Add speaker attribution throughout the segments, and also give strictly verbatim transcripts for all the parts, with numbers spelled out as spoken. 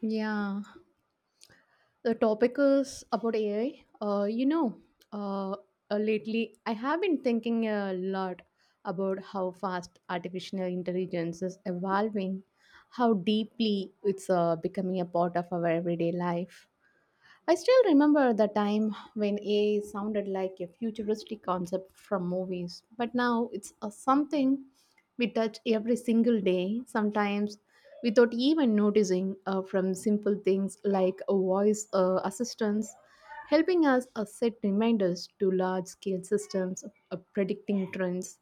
Speaker 1: Yeah, the topic is about A I. Uh, you know, uh, uh, Lately I have been thinking a lot about how fast artificial intelligence is evolving, how deeply it's uh, becoming a part of our everyday life. I still remember the time when A I sounded like a futuristic concept from movies, but now it's a something we touch every single day, sometimes without even noticing, uh, from simple things like a voice uh, assistance helping us uh, set reminders to large scale systems, uh, predicting trends,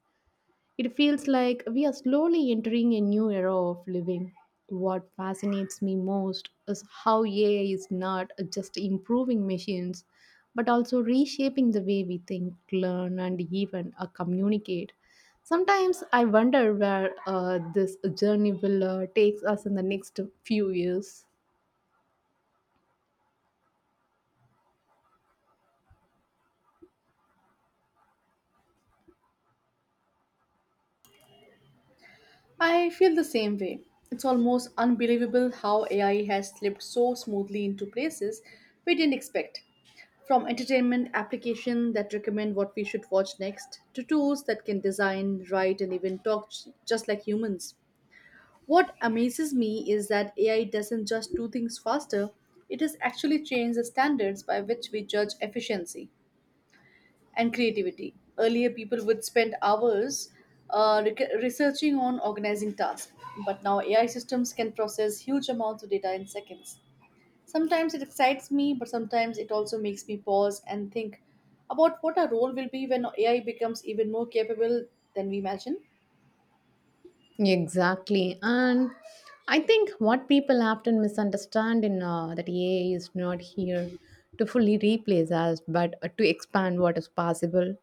Speaker 1: it feels like we are slowly entering a new era of living. What fascinates me most is how A I is not just improving machines, but also reshaping the way we think, learn, and even uh, communicate. Sometimes I wonder where uh, this journey will uh, take us in the next few years.
Speaker 2: I feel the same way. It's almost unbelievable how A I has slipped so smoothly into places we didn't expect. From entertainment applications that recommend what we should watch next, to tools that can design, write, and even talk j- just like humans. What amazes me is that A I doesn't just do things faster, it has actually changed the standards by which we judge efficiency and creativity. Earlier, people would spend hours uh, rec- researching on organizing tasks, but now A I systems can process huge amounts of data in seconds. Sometimes it excites me, but sometimes it also makes me pause and think about what our role will be when A I becomes even more capable than we imagine.
Speaker 1: Exactly. And I think what people often misunderstand in uh, that A I is not here to fully replace us, but uh, to expand what is possible.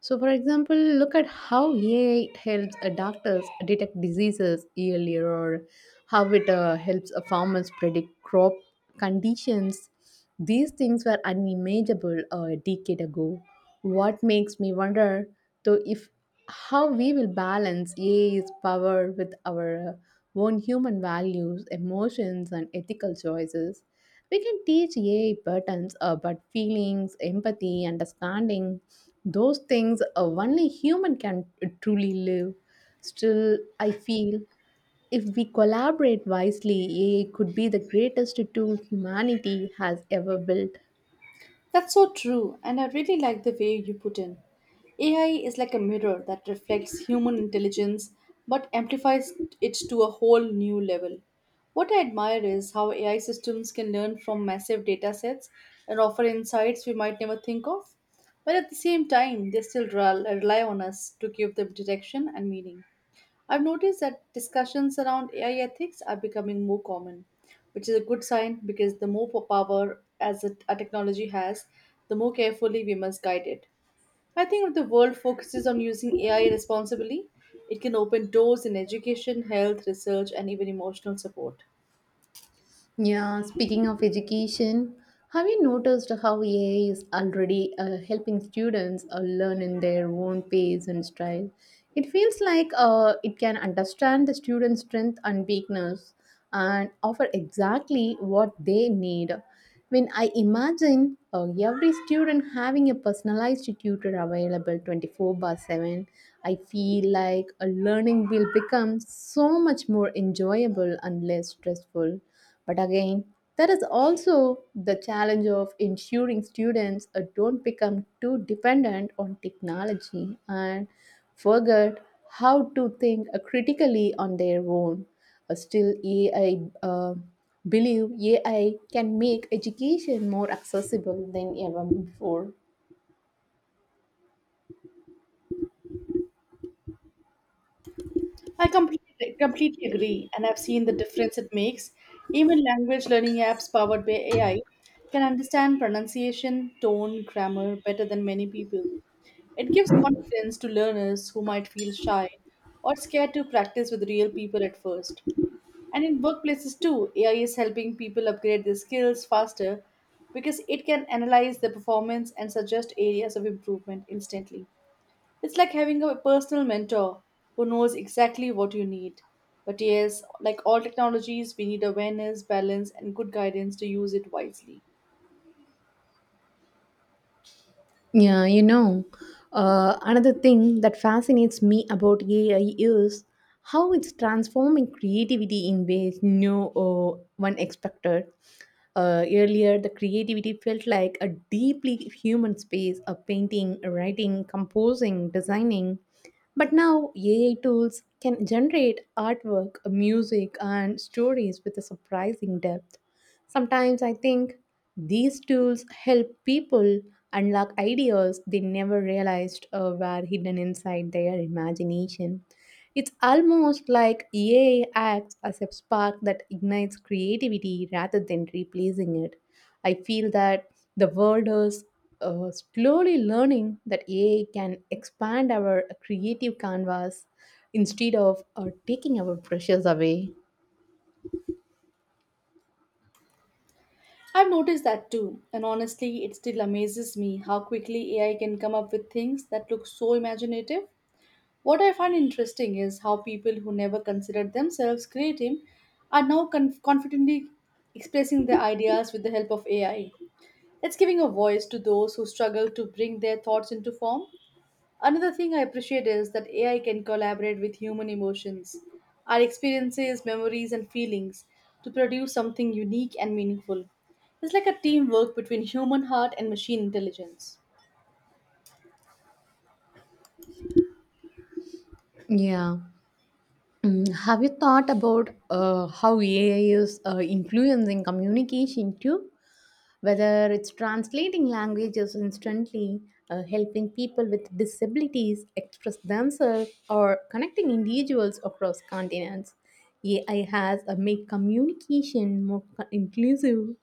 Speaker 1: So, for example, look at how A I helps uh, doctors detect diseases earlier, or how it uh, helps uh, farmers predict crop conditions. These things were unimaginable uh, a decade ago. What makes me wonder, though, if how we will balance A I's power with our uh, own human values, emotions, and ethical choices. We can teach A I patterns about feelings, empathy, understanding, those things uh, only human can uh, truly live. Still, I feel if we collaborate wisely, A I could be the greatest tool humanity has ever built.
Speaker 2: That's so true, and I really like the way you put in. A I is like a mirror that reflects human intelligence but amplifies it to a whole new level. What I admire is how A I systems can learn from massive data sets and offer insights we might never think of, but at the same time, they still rel- rely on us to give them direction and meaning. I've noticed that discussions around A I ethics are becoming more common, which is a good sign because the more po- power as a, a technology has, the more carefully we must guide it. I think if the world focuses on using A I responsibly, it can open doors in education, health, research, and even emotional support.
Speaker 1: Yeah, speaking of education, have you noticed how A I is already uh, helping students uh, learn in their own pace and style? It feels like uh, it can understand the student's strength and weakness and offer exactly what they need. When I imagine uh, every student having a personalized tutor available twenty-four by seven, I feel like a learning will become so much more enjoyable and less stressful. But again, there is also the challenge of ensuring students uh, don't become too dependent on technology and forget how to think uh, critically on their own. Uh, Still, A I uh, believe A I can make education more accessible than ever before.
Speaker 2: I completely, completely agree, and I've seen the difference it makes. Even language learning apps powered by A I can understand pronunciation, tone, grammar better than many people. It gives confidence to learners who might feel shy or scared to practice with real people at first. And in workplaces too, A I is helping people upgrade their skills faster because it can analyze their performance and suggest areas of improvement instantly. It's like having a personal mentor who knows exactly what you need. But yes, like all technologies, we need awareness, balance, and good guidance to use it wisely.
Speaker 1: Yeah, you know, uh, Another thing that fascinates me about A I is how it's transforming creativity in ways no uh, one expected. Uh, earlier, the creativity felt like a deeply human space of painting, writing, composing, designing. But now, A I tools can generate artwork, music, and stories with a surprising depth. Sometimes I think these tools help people unlock ideas they never realized uh, were hidden inside their imagination. It's almost like A I acts as a spark that ignites creativity rather than replacing it. I feel that the world is uh, slowly learning that A I can expand our creative canvas instead of uh, taking our brushes away.
Speaker 2: I've noticed that too, and honestly, it still amazes me how quickly A I can come up with things that look so imaginative. What I find interesting is how people who never considered themselves creative are now conf- confidently expressing their ideas with the help of A I. It's giving a voice to those who struggle to bring their thoughts into form. Another thing I appreciate is that A I can collaborate with human emotions, our experiences, memories, and feelings to produce something unique and meaningful. It's like a teamwork between human heart and machine intelligence.
Speaker 1: Yeah. Mm, Have you thought about uh, how A I is uh, influencing communication too? Whether it's translating languages instantly, uh, helping people with disabilities express themselves, or connecting individuals across continents. A I has uh, made communication more co- inclusive.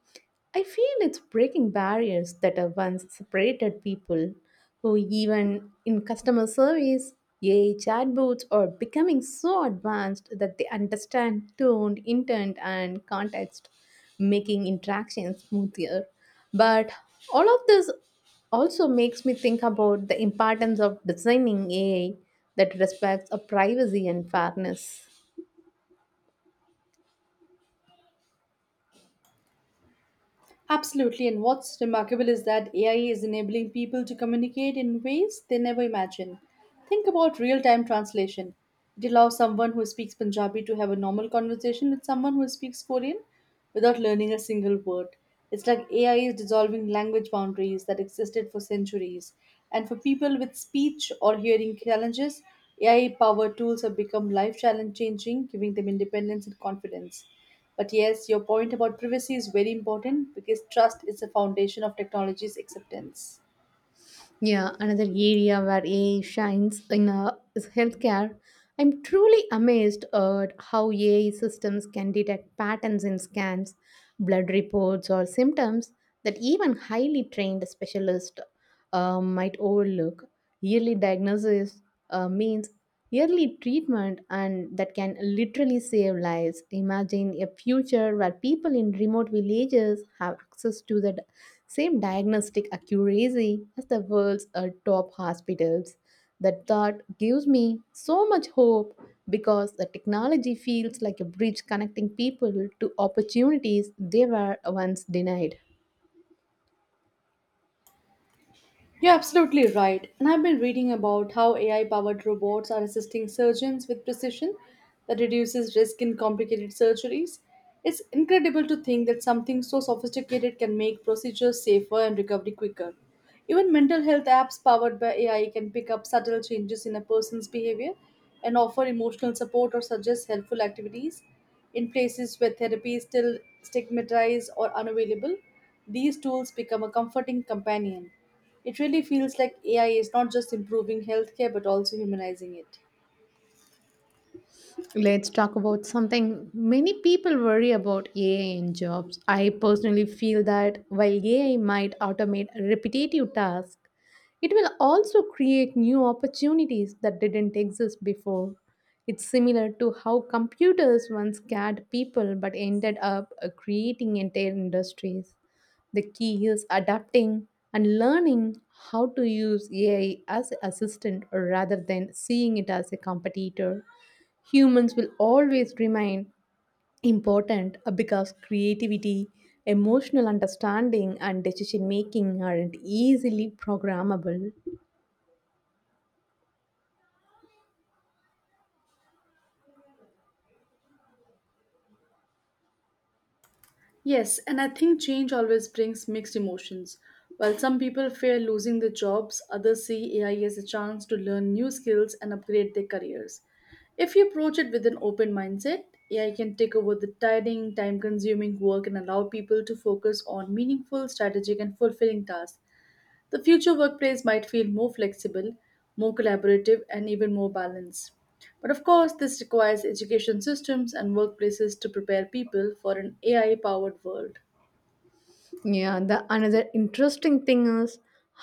Speaker 1: I feel it's breaking barriers that have once separated people or even in customer service. A I chatbots are becoming so advanced that they understand tone, intent, and context, making interactions smoother. But all of this also makes me think about the importance of designing A I that respects a privacy and fairness.
Speaker 2: Absolutely, and what's remarkable is that A I is enabling people to communicate in ways they never imagined. Think about real time translation. It allows someone who speaks Punjabi to have a normal conversation with someone who speaks Korean without learning a single word. It's like A I is dissolving language boundaries that existed for centuries. And for people with speech or hearing challenges, A I powered tools have become life challenge changing, giving them independence and confidence. But yes, your point about privacy is very important because trust is the foundation of technology's acceptance.
Speaker 1: Yeah, another area where A I shines in uh, is healthcare. I'm truly amazed at how A I systems can detect patterns in scans, blood reports, or symptoms that even highly trained specialists uh, might overlook. Yearly diagnosis uh, means early treatment, and that can literally save lives. Imagine a future where people in remote villages have access to the d- same diagnostic accuracy as the world's uh, top hospitals. That thought gives me so much hope, because the technology feels like a bridge connecting people to opportunities they were once denied.
Speaker 2: You're absolutely right. And I've been reading about how A I powered robots are assisting surgeons with precision that reduces risk in complicated surgeries. It's incredible to think that something so sophisticated can make procedures safer and recovery quicker. Even mental health apps powered by A I can pick up subtle changes in a person's behavior and offer emotional support or suggest helpful activities in places where therapy is still stigmatized or unavailable. These tools become a comforting companion. It really feels like A I is not just improving healthcare but also humanizing it.
Speaker 1: Let's talk about something many people worry about: A I in jobs. I personally feel that while A I might automate repetitive tasks, it will also create new opportunities that didn't exist before. It's similar to how computers once scared people but ended up uh, creating entire industries. The key is adapting and learning how to use A I as assistant rather than seeing it as a competitor. Humans will always remain important uh, because creativity, emotional understanding, and decision making aren't easily programmable.
Speaker 2: Yes, and I think change always brings mixed emotions. While some people fear losing their jobs, others see A I as a chance to learn new skills and upgrade their careers. If you approach it with an open mindset, A I can take over the tiring, time consuming work and allow people to focus on meaningful, strategic, and fulfilling tasks. The future workplace might feel more flexible, more collaborative, and even more balanced. But of course, this requires education systems and workplaces to prepare people for an A I powered world.
Speaker 1: Yeah, the Another interesting thing is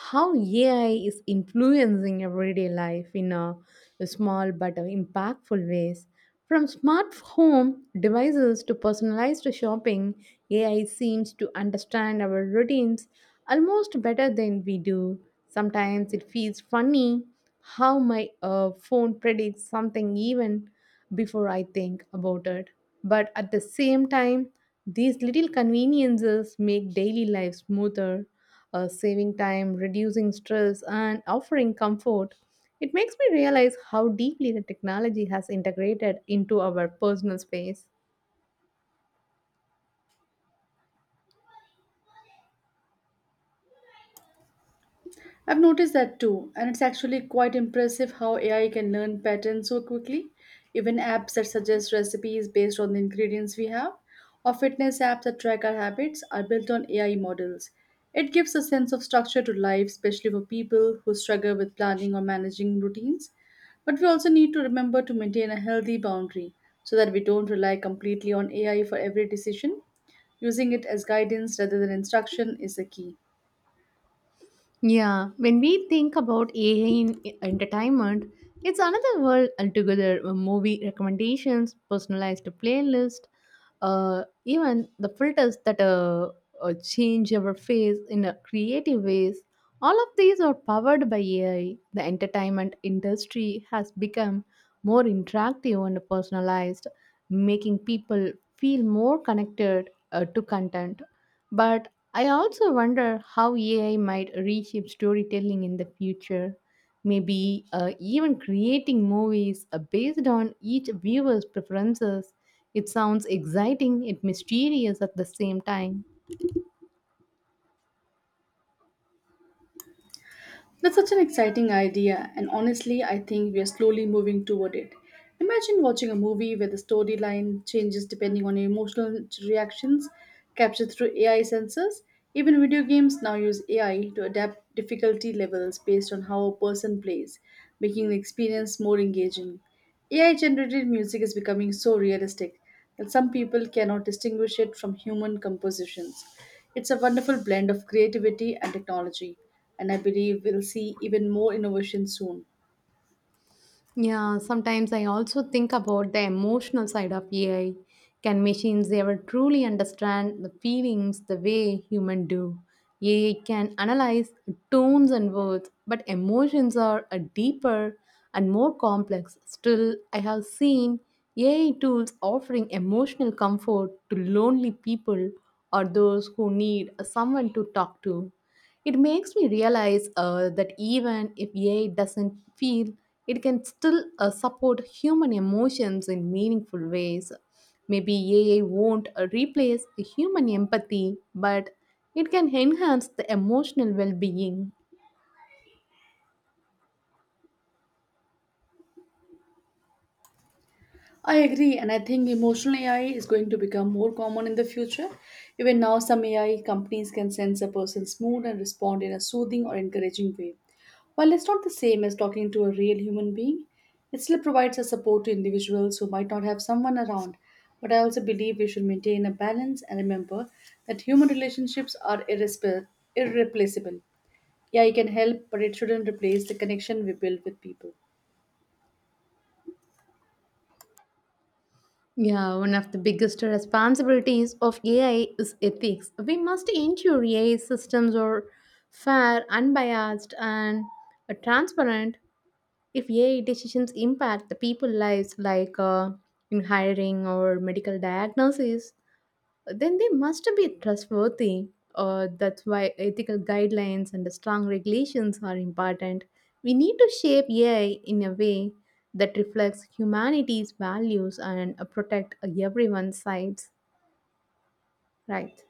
Speaker 1: how A I is influencing everyday life in a, a small but impactful ways. From smart home devices to personalized shopping, A I seems to understand our routines almost better than we do. Sometimes it feels funny how my uh, phone predicts something even before I think about it. But at the same time, these little conveniences make daily life smoother, uh, saving time, reducing stress, and offering comfort. It makes me realize how deeply the technology has integrated into our personal space.
Speaker 2: I've noticed that too, and it's actually quite impressive how A I can learn patterns so quickly. Even apps that suggest recipes based on the ingredients we have, or fitness apps that track our habits, are built on A I models. It gives a sense of structure to life, especially for people who struggle with planning or managing routines. But we also need to remember to maintain a healthy boundary so that we don't rely completely on A I for every decision. Using it as guidance rather than instruction is the key.
Speaker 1: Yeah, when we think about A I in entertainment, it's another world altogether. Uh, Movie recommendations, personalized playlist, uh, even the filters that uh, uh, change our face in a creative ways. All of these are powered by A I. The entertainment industry has become more interactive and personalized, making people feel more connected uh, to content. But I also wonder how A I might reshape storytelling in the future, maybe uh, even creating movies uh, based on each viewer's preferences. It sounds exciting yet mysterious at the same time.
Speaker 2: That's such an exciting idea, and honestly, I think we are slowly moving toward it. Imagine watching a movie where the storyline changes depending on your emotional reactions captured through A I sensors. Even video games now use A I to adapt difficulty levels based on how a person plays, making the experience more engaging. A I generated music is becoming so realistic and some people cannot distinguish it from human compositions. It's a wonderful blend of creativity and technology, and I believe we'll see even more innovation soon.
Speaker 1: Yeah, sometimes I also think about the emotional side of A I. Can machines ever truly understand the feelings the way humans do? A I can analyze tones and words, but emotions are a deeper and more complex. Still, I have seen A I tools offering emotional comfort to lonely people or those who need someone to talk to. It makes me realize uh, that even if A I doesn't feel, it can still uh, support human emotions in meaningful ways. Maybe A I won't uh, replace human empathy, but it can enhance the emotional well being.
Speaker 2: I agree, and I think emotional A I is going to become more common in the future. Even now, some A I companies can sense a person's mood and respond in a soothing or encouraging way. While it's not the same as talking to a real human being, it still provides a support to individuals who might not have someone around. But I also believe we should maintain a balance and remember that human relationships are irrespe- irreplaceable. A I can help, but it shouldn't replace the connection we build with people.
Speaker 1: Yeah, one of the biggest responsibilities of A I is ethics. We must ensure A I systems are fair, unbiased, and uh, transparent. If A I decisions impact the people lives, like uh, in hiring or medical diagnosis, then they must be trustworthy. Uh, that's why ethical guidelines and strong regulations are important. We need to shape A I in a way that reflects humanity's values and uh, protect everyone's rights. Right.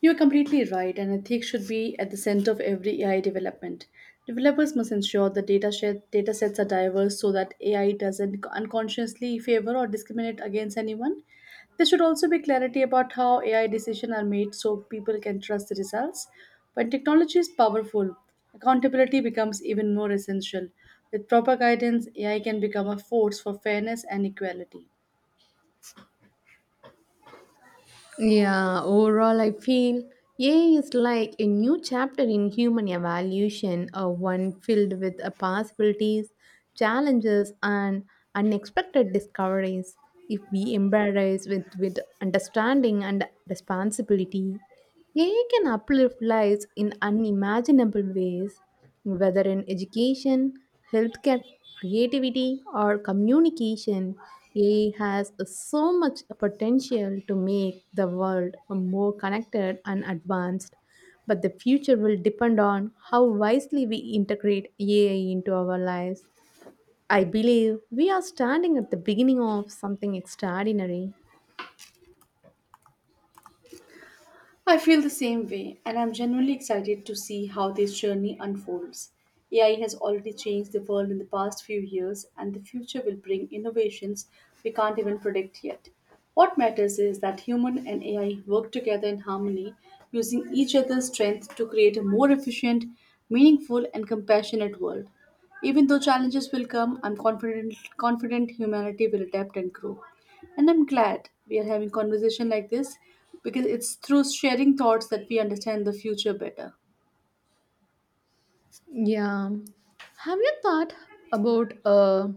Speaker 2: You're completely right, and ethics should be at the center of every A I development. Developers must ensure the data, set, data sets are diverse so that A I doesn't unconsciously favor or discriminate against anyone. There should also be clarity about how A I decisions are made so people can trust the results. When technology is powerful, accountability becomes even more essential. With proper guidance, A I can become a force for fairness and equality.
Speaker 1: Yeah, overall, I feel A I is like a new chapter in human evolution, uh, one filled with uh, possibilities, challenges, and unexpected discoveries. If we embrace with, with understanding and responsibility, A I can uplift lives in unimaginable ways, whether in education, healthcare, creativity, or communication. A I has so much potential to make the world more connected and advanced, but the future will depend on how wisely we integrate A I into our lives. I believe we are standing at the beginning of something extraordinary.
Speaker 2: I feel the same way, and I'm genuinely excited to see how this journey unfolds. A I has already changed the world in the past few years, and the future will bring innovations we can't even predict yet. What matters is that human and A I work together in harmony, using each other's strength to create a more efficient, meaningful, and compassionate world. Even though challenges will come, I'm confident confident humanity will adapt and grow. And I'm glad we are having conversation like this because it's through sharing thoughts that we understand the future better.
Speaker 1: Yeah. Have you thought about uh,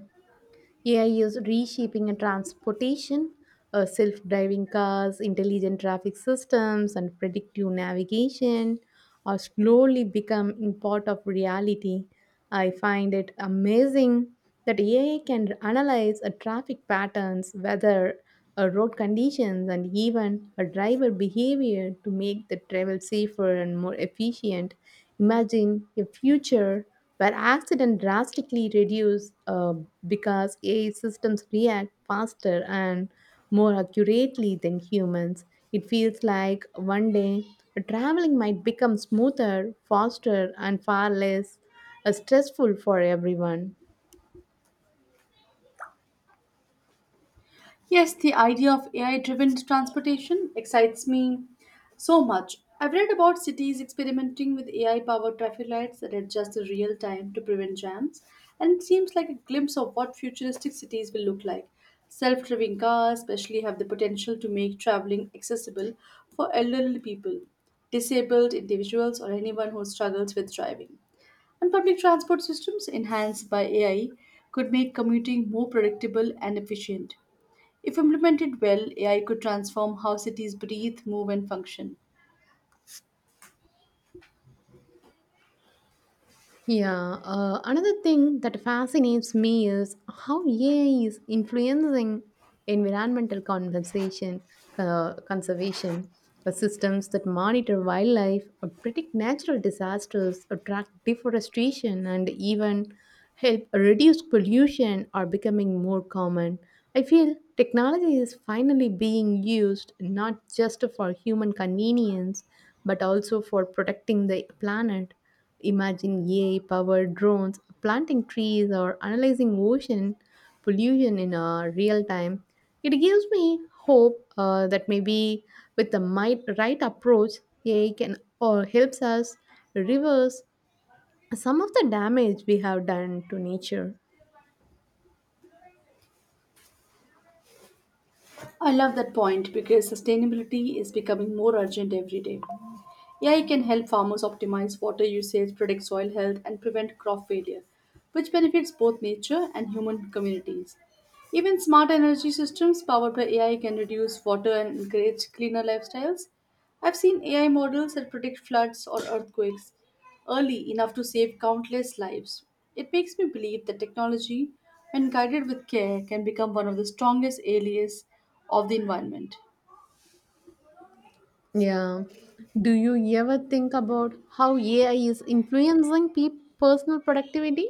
Speaker 1: A I is reshaping a transportation, uh, self-driving cars, intelligent traffic systems, and predictive navigation are slowly becoming part of reality. I find it amazing that A I can analyze a traffic patterns, weather, uh, road conditions, and even a driver behavior to make the travel safer and more efficient. Imagine a future where accidents drastically reduce uh, because A I systems react faster and more accurately than humans. It feels like one day traveling might become smoother, faster, and far less uh, stressful for everyone.
Speaker 2: Yes, the idea of A I driven transportation excites me so much. I've read about cities experimenting with A I powered traffic lights that adjust in real time to prevent jams, and it seems like a glimpse of what futuristic cities will look like. Self driving cars, especially, have the potential to make traveling accessible for elderly people, disabled individuals, or anyone who struggles with driving. And public transport systems enhanced by A I could make commuting more predictable and efficient. If implemented well, A I could transform how cities breathe, move, and function.
Speaker 1: Yeah, uh, Another thing that fascinates me is how A I is influencing environmental conversation, uh, conservation, uh, systems that monitor wildlife, or predict natural disasters, or track deforestation, and even help reduce pollution are becoming more common. I feel technology is finally being used not just for human convenience, but also for protecting the planet. Imagine A I-powered drones planting trees or analyzing ocean pollution in uh, real time. It gives me hope uh, that maybe with the might, right approach, A I can or helps us reverse some of the damage we have done to nature.
Speaker 2: I love that point because sustainability is becoming more urgent every day. A I can help farmers optimize water usage, predict soil health, and prevent crop failure, which benefits both nature and human communities. Even smart energy systems powered by A I can reduce water and encourage cleaner lifestyles. I've seen A I models that predict floods or earthquakes early enough to save countless lives. It makes me believe that technology, when guided with care, can become one of the strongest allies of the environment.
Speaker 1: Yeah. Do you ever think about how A I is influencing pe- personal productivity?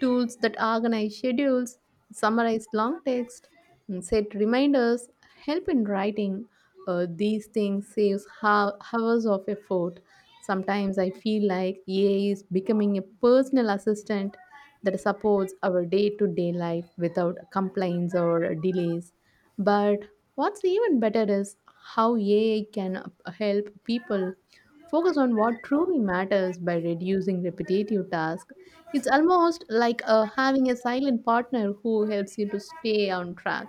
Speaker 1: Tools that organize schedules, summarize long text, and set reminders help in writing. Uh, these things saves ho- hours of effort. Sometimes I feel like A I is becoming a personal assistant that supports our day-to-day life without complaints or delays. But what's even better is how A I can uh, help people focus on what truly matters by reducing repetitive tasks. It's almost like uh, having a silent partner who helps you to stay on track.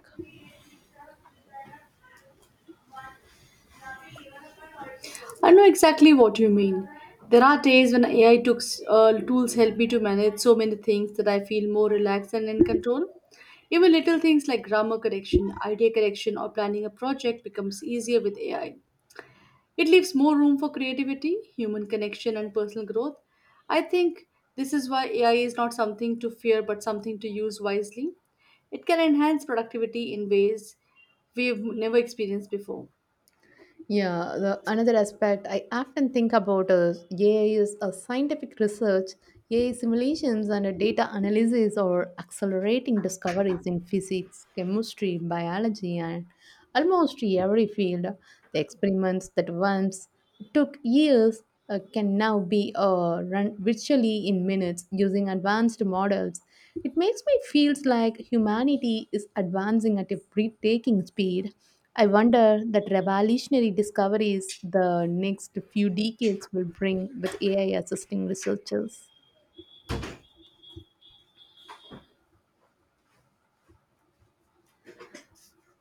Speaker 2: I know exactly what you mean. There are days when A I tools, uh, tools help me to manage so many things that I feel more relaxed and in control. Even little things like grammar correction, idea correction, or planning a project becomes easier with A I. It leaves more room for creativity, human connection, and personal growth. I think this is why A I is not something to fear but something to use wisely. It can enhance productivity in ways we've never experienced before.
Speaker 1: Yeah, the, another aspect I often think about is A I is a scientific research. A I simulations and a data analysis are accelerating discoveries in physics, chemistry, biology, and almost every field. The experiments that once took years uh, can now be uh, run virtually in minutes using advanced models. It makes me feel like humanity is advancing at a breathtaking speed. I wonder that revolutionary discoveries the next few decades will bring with A I assisting researchers.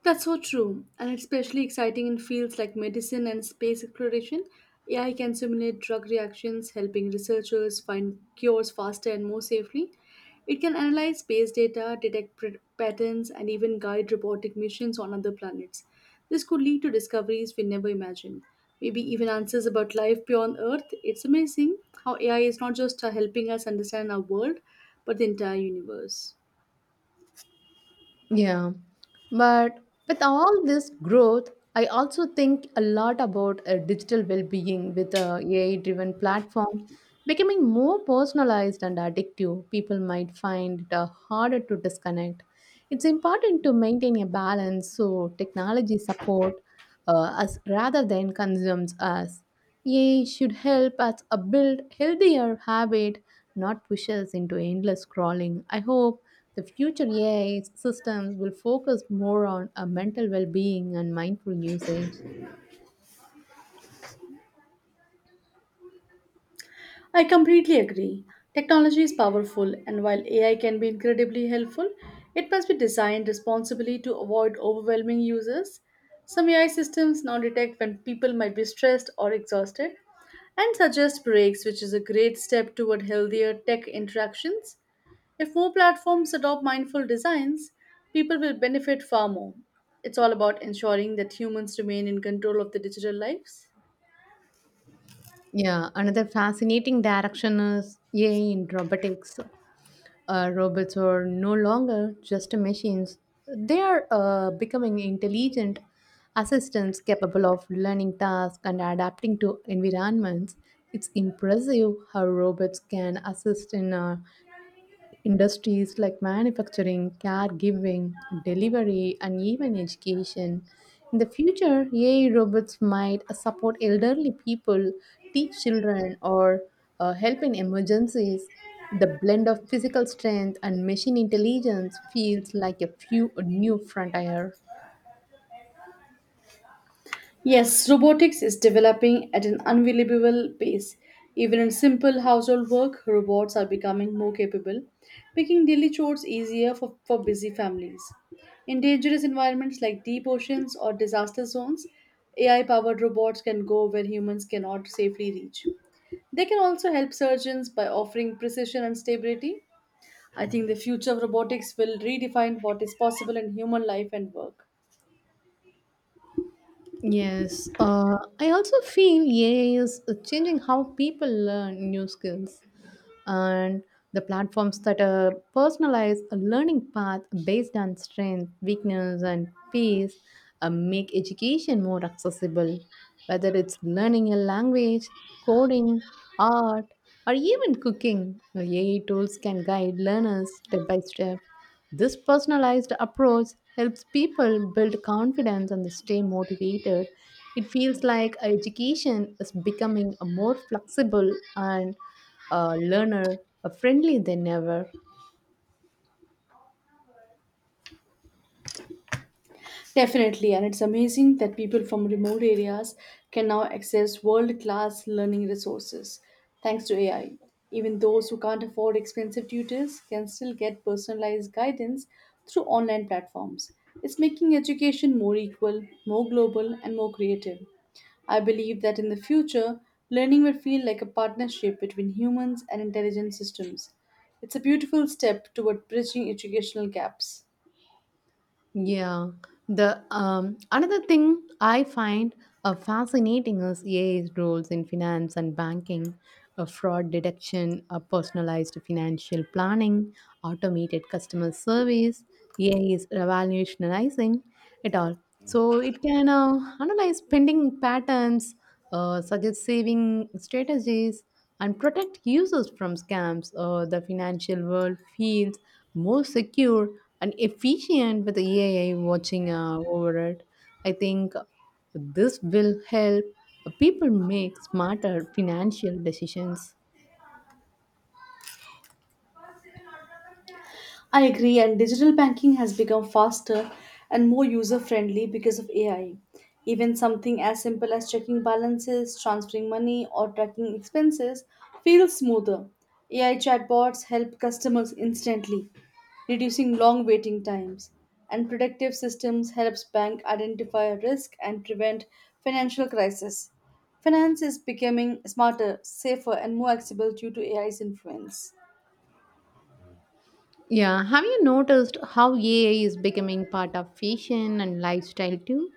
Speaker 2: That's so true, and it's especially exciting in fields like medicine and space exploration. A I can simulate drug reactions, helping researchers find cures faster and more safely. It can analyze space data, detect pr- patterns, and even guide robotic missions on other planets. This could lead to discoveries we never imagined. Maybe even answers about life beyond Earth. It's amazing how A I is not just uh, helping us understand our world, but the entire universe.
Speaker 1: Yeah, but with all this growth, I also think a lot about uh, digital well-being with a AI-driven platform becoming more personalized and addictive. People might find it uh, harder to disconnect. It's important to maintain a balance so technology support uh, us rather than consumes us. A I should help us uh, build healthier habit, not push us into endless scrolling. I hope. The future A I systems will focus more on a mental well being and mindful usage.
Speaker 2: I completely agree. Technology is powerful, and while A I can be incredibly helpful, it must be designed responsibly to avoid overwhelming users. Some A I systems now detect when people might be stressed or exhausted and suggest breaks, which is a great step toward healthier tech interactions. If more platforms adopt mindful designs, people will benefit far more. It's all about ensuring that humans remain in control of their digital lives.
Speaker 1: Yeah, another fascinating direction is A I in robotics. Uh, robots are no longer just machines, they are uh, becoming intelligent assistants capable of learning tasks and adapting to environments. It's impressive how robots can assist in uh, industries like manufacturing, caregiving, delivery, and even education. In the future, A I robots might uh, support elderly people, teach children, or uh, help in emergencies. The blend of physical strength and machine intelligence feels like a few a new frontier.
Speaker 2: Yes, robotics is developing at an unbelievable pace. Even in simple household work, robots are becoming more capable, making daily chores easier for, for busy families. In dangerous environments like deep oceans or disaster zones, A I powered robots can go where humans cannot safely reach. They can also help surgeons by offering precision and stability. I think the future of robotics will redefine what is possible in human life and work.
Speaker 1: Yes, uh, I also feel A I is changing how people learn new skills. And the platforms that uh, personalize a learning path based on strength, weakness, and pace uh, make education more accessible. Whether it's learning a language, coding, art, or even cooking, the A I tools can guide learners step by step. This personalized approach helps people build confidence and stay motivated. It feels like education is becoming a more flexible and a learner, a friendly than ever.
Speaker 2: Definitely, and it's amazing that people from remote areas can now access world class learning resources thanks to A I. Even those who can't afford expensive tutors can still get personalized guidance through online platforms. It's making education more equal, more global, and more creative. I believe that in the future, learning will feel like a partnership between humans and intelligent systems. It's a beautiful step toward bridging educational gaps.
Speaker 1: Yeah. The um, Another thing I find uh, fascinating is A I's roles in finance and banking, uh, fraud detection, uh, personalized financial planning, automated customer service. A I is revolutionizing it all. So it can uh, analyze spending patterns, uh, suggest saving strategies, and protect users from scams. Uh, the financial world feels more secure and efficient with A I watching uh, over it. I think this will help people make smarter financial decisions.
Speaker 2: I agree, and digital banking has become faster and more user friendly because of A I. Even something as simple as checking balances, transferring money, or tracking expenses feels smoother. A I chatbots help customers instantly, reducing long waiting times. And predictive systems helps bank identify risk and prevent financial crisis. Finance is becoming smarter, safer, and more accessible due to A I's influence.
Speaker 1: Yeah, have you noticed how A I is becoming part of fashion and lifestyle too?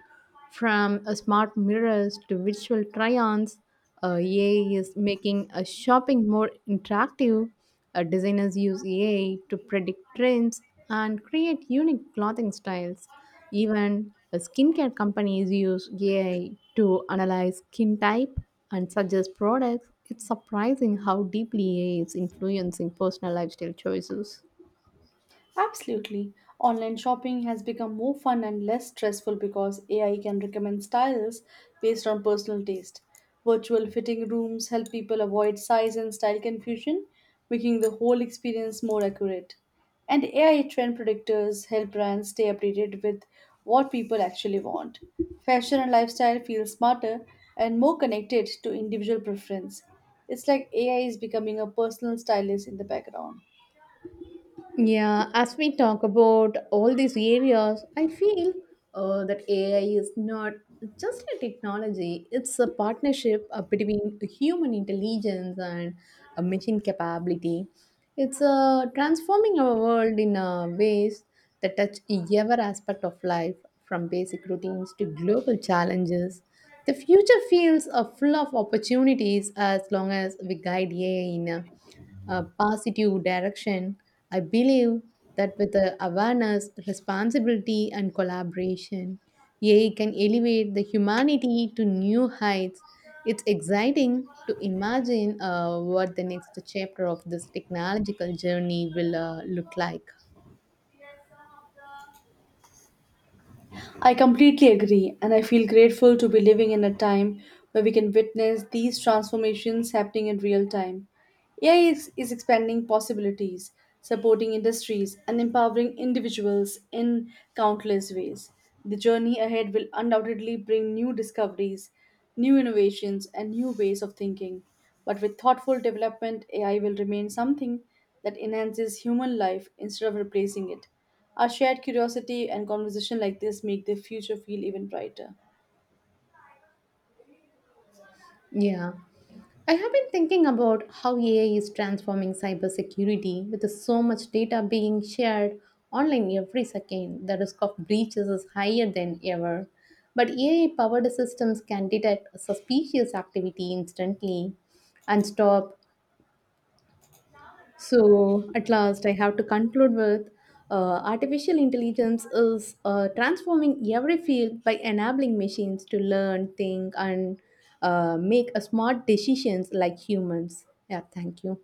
Speaker 1: From uh, smart mirrors to virtual try-ons, uh, A I is making uh, shopping more interactive. Uh, designers use A I to predict trends and create unique clothing styles. Even uh, skincare companies use A I to analyze skin type and suggest products. It's surprising how deeply A I is influencing personal lifestyle choices.
Speaker 2: Absolutely. Online shopping has become more fun and less stressful because A I can recommend styles based on personal taste. Virtual fitting rooms help people avoid size and style confusion, making the whole experience more accurate. And A I trend predictors help brands stay updated with what people actually want. Fashion and lifestyle feel smarter and more connected to individual preference. It's like A I is becoming a personal stylist in the background.
Speaker 1: Yeah, as we talk about all these areas, I feel uh, that A I is not just a technology, it's a partnership uh, between human intelligence and a machine capability. It's uh, transforming our world in uh, ways that touch every aspect of life, from basic routines to global challenges. The future feels uh, full of opportunities as long as we guide A I in. Uh, uh, positive direction, I believe that with the awareness, responsibility, and collaboration, A I can elevate the humanity to new heights. It's exciting to imagine uh, what the next chapter of this technological journey will uh, look like.
Speaker 2: I completely agree, and I feel grateful to be living in a time where we can witness these transformations happening in real time. A I is, is expanding possibilities, supporting industries, and empowering individuals in countless ways. The journey ahead will undoubtedly bring new discoveries, new innovations, and new ways of thinking. But with thoughtful development, A I will remain something that enhances human life instead of replacing it. Our shared curiosity and conversation like this make the future feel even brighter.
Speaker 1: Yeah. I have been thinking about how A I is transforming cybersecurity with so much data being shared online every second. The risk of breaches is higher than ever. But A I powered systems can detect suspicious activity instantly and stop so, at last, I have to conclude with uh, artificial intelligence is uh, transforming every field by enabling machines to learn, think, and uh, make a smart decisions like humans. Yeah, thank you.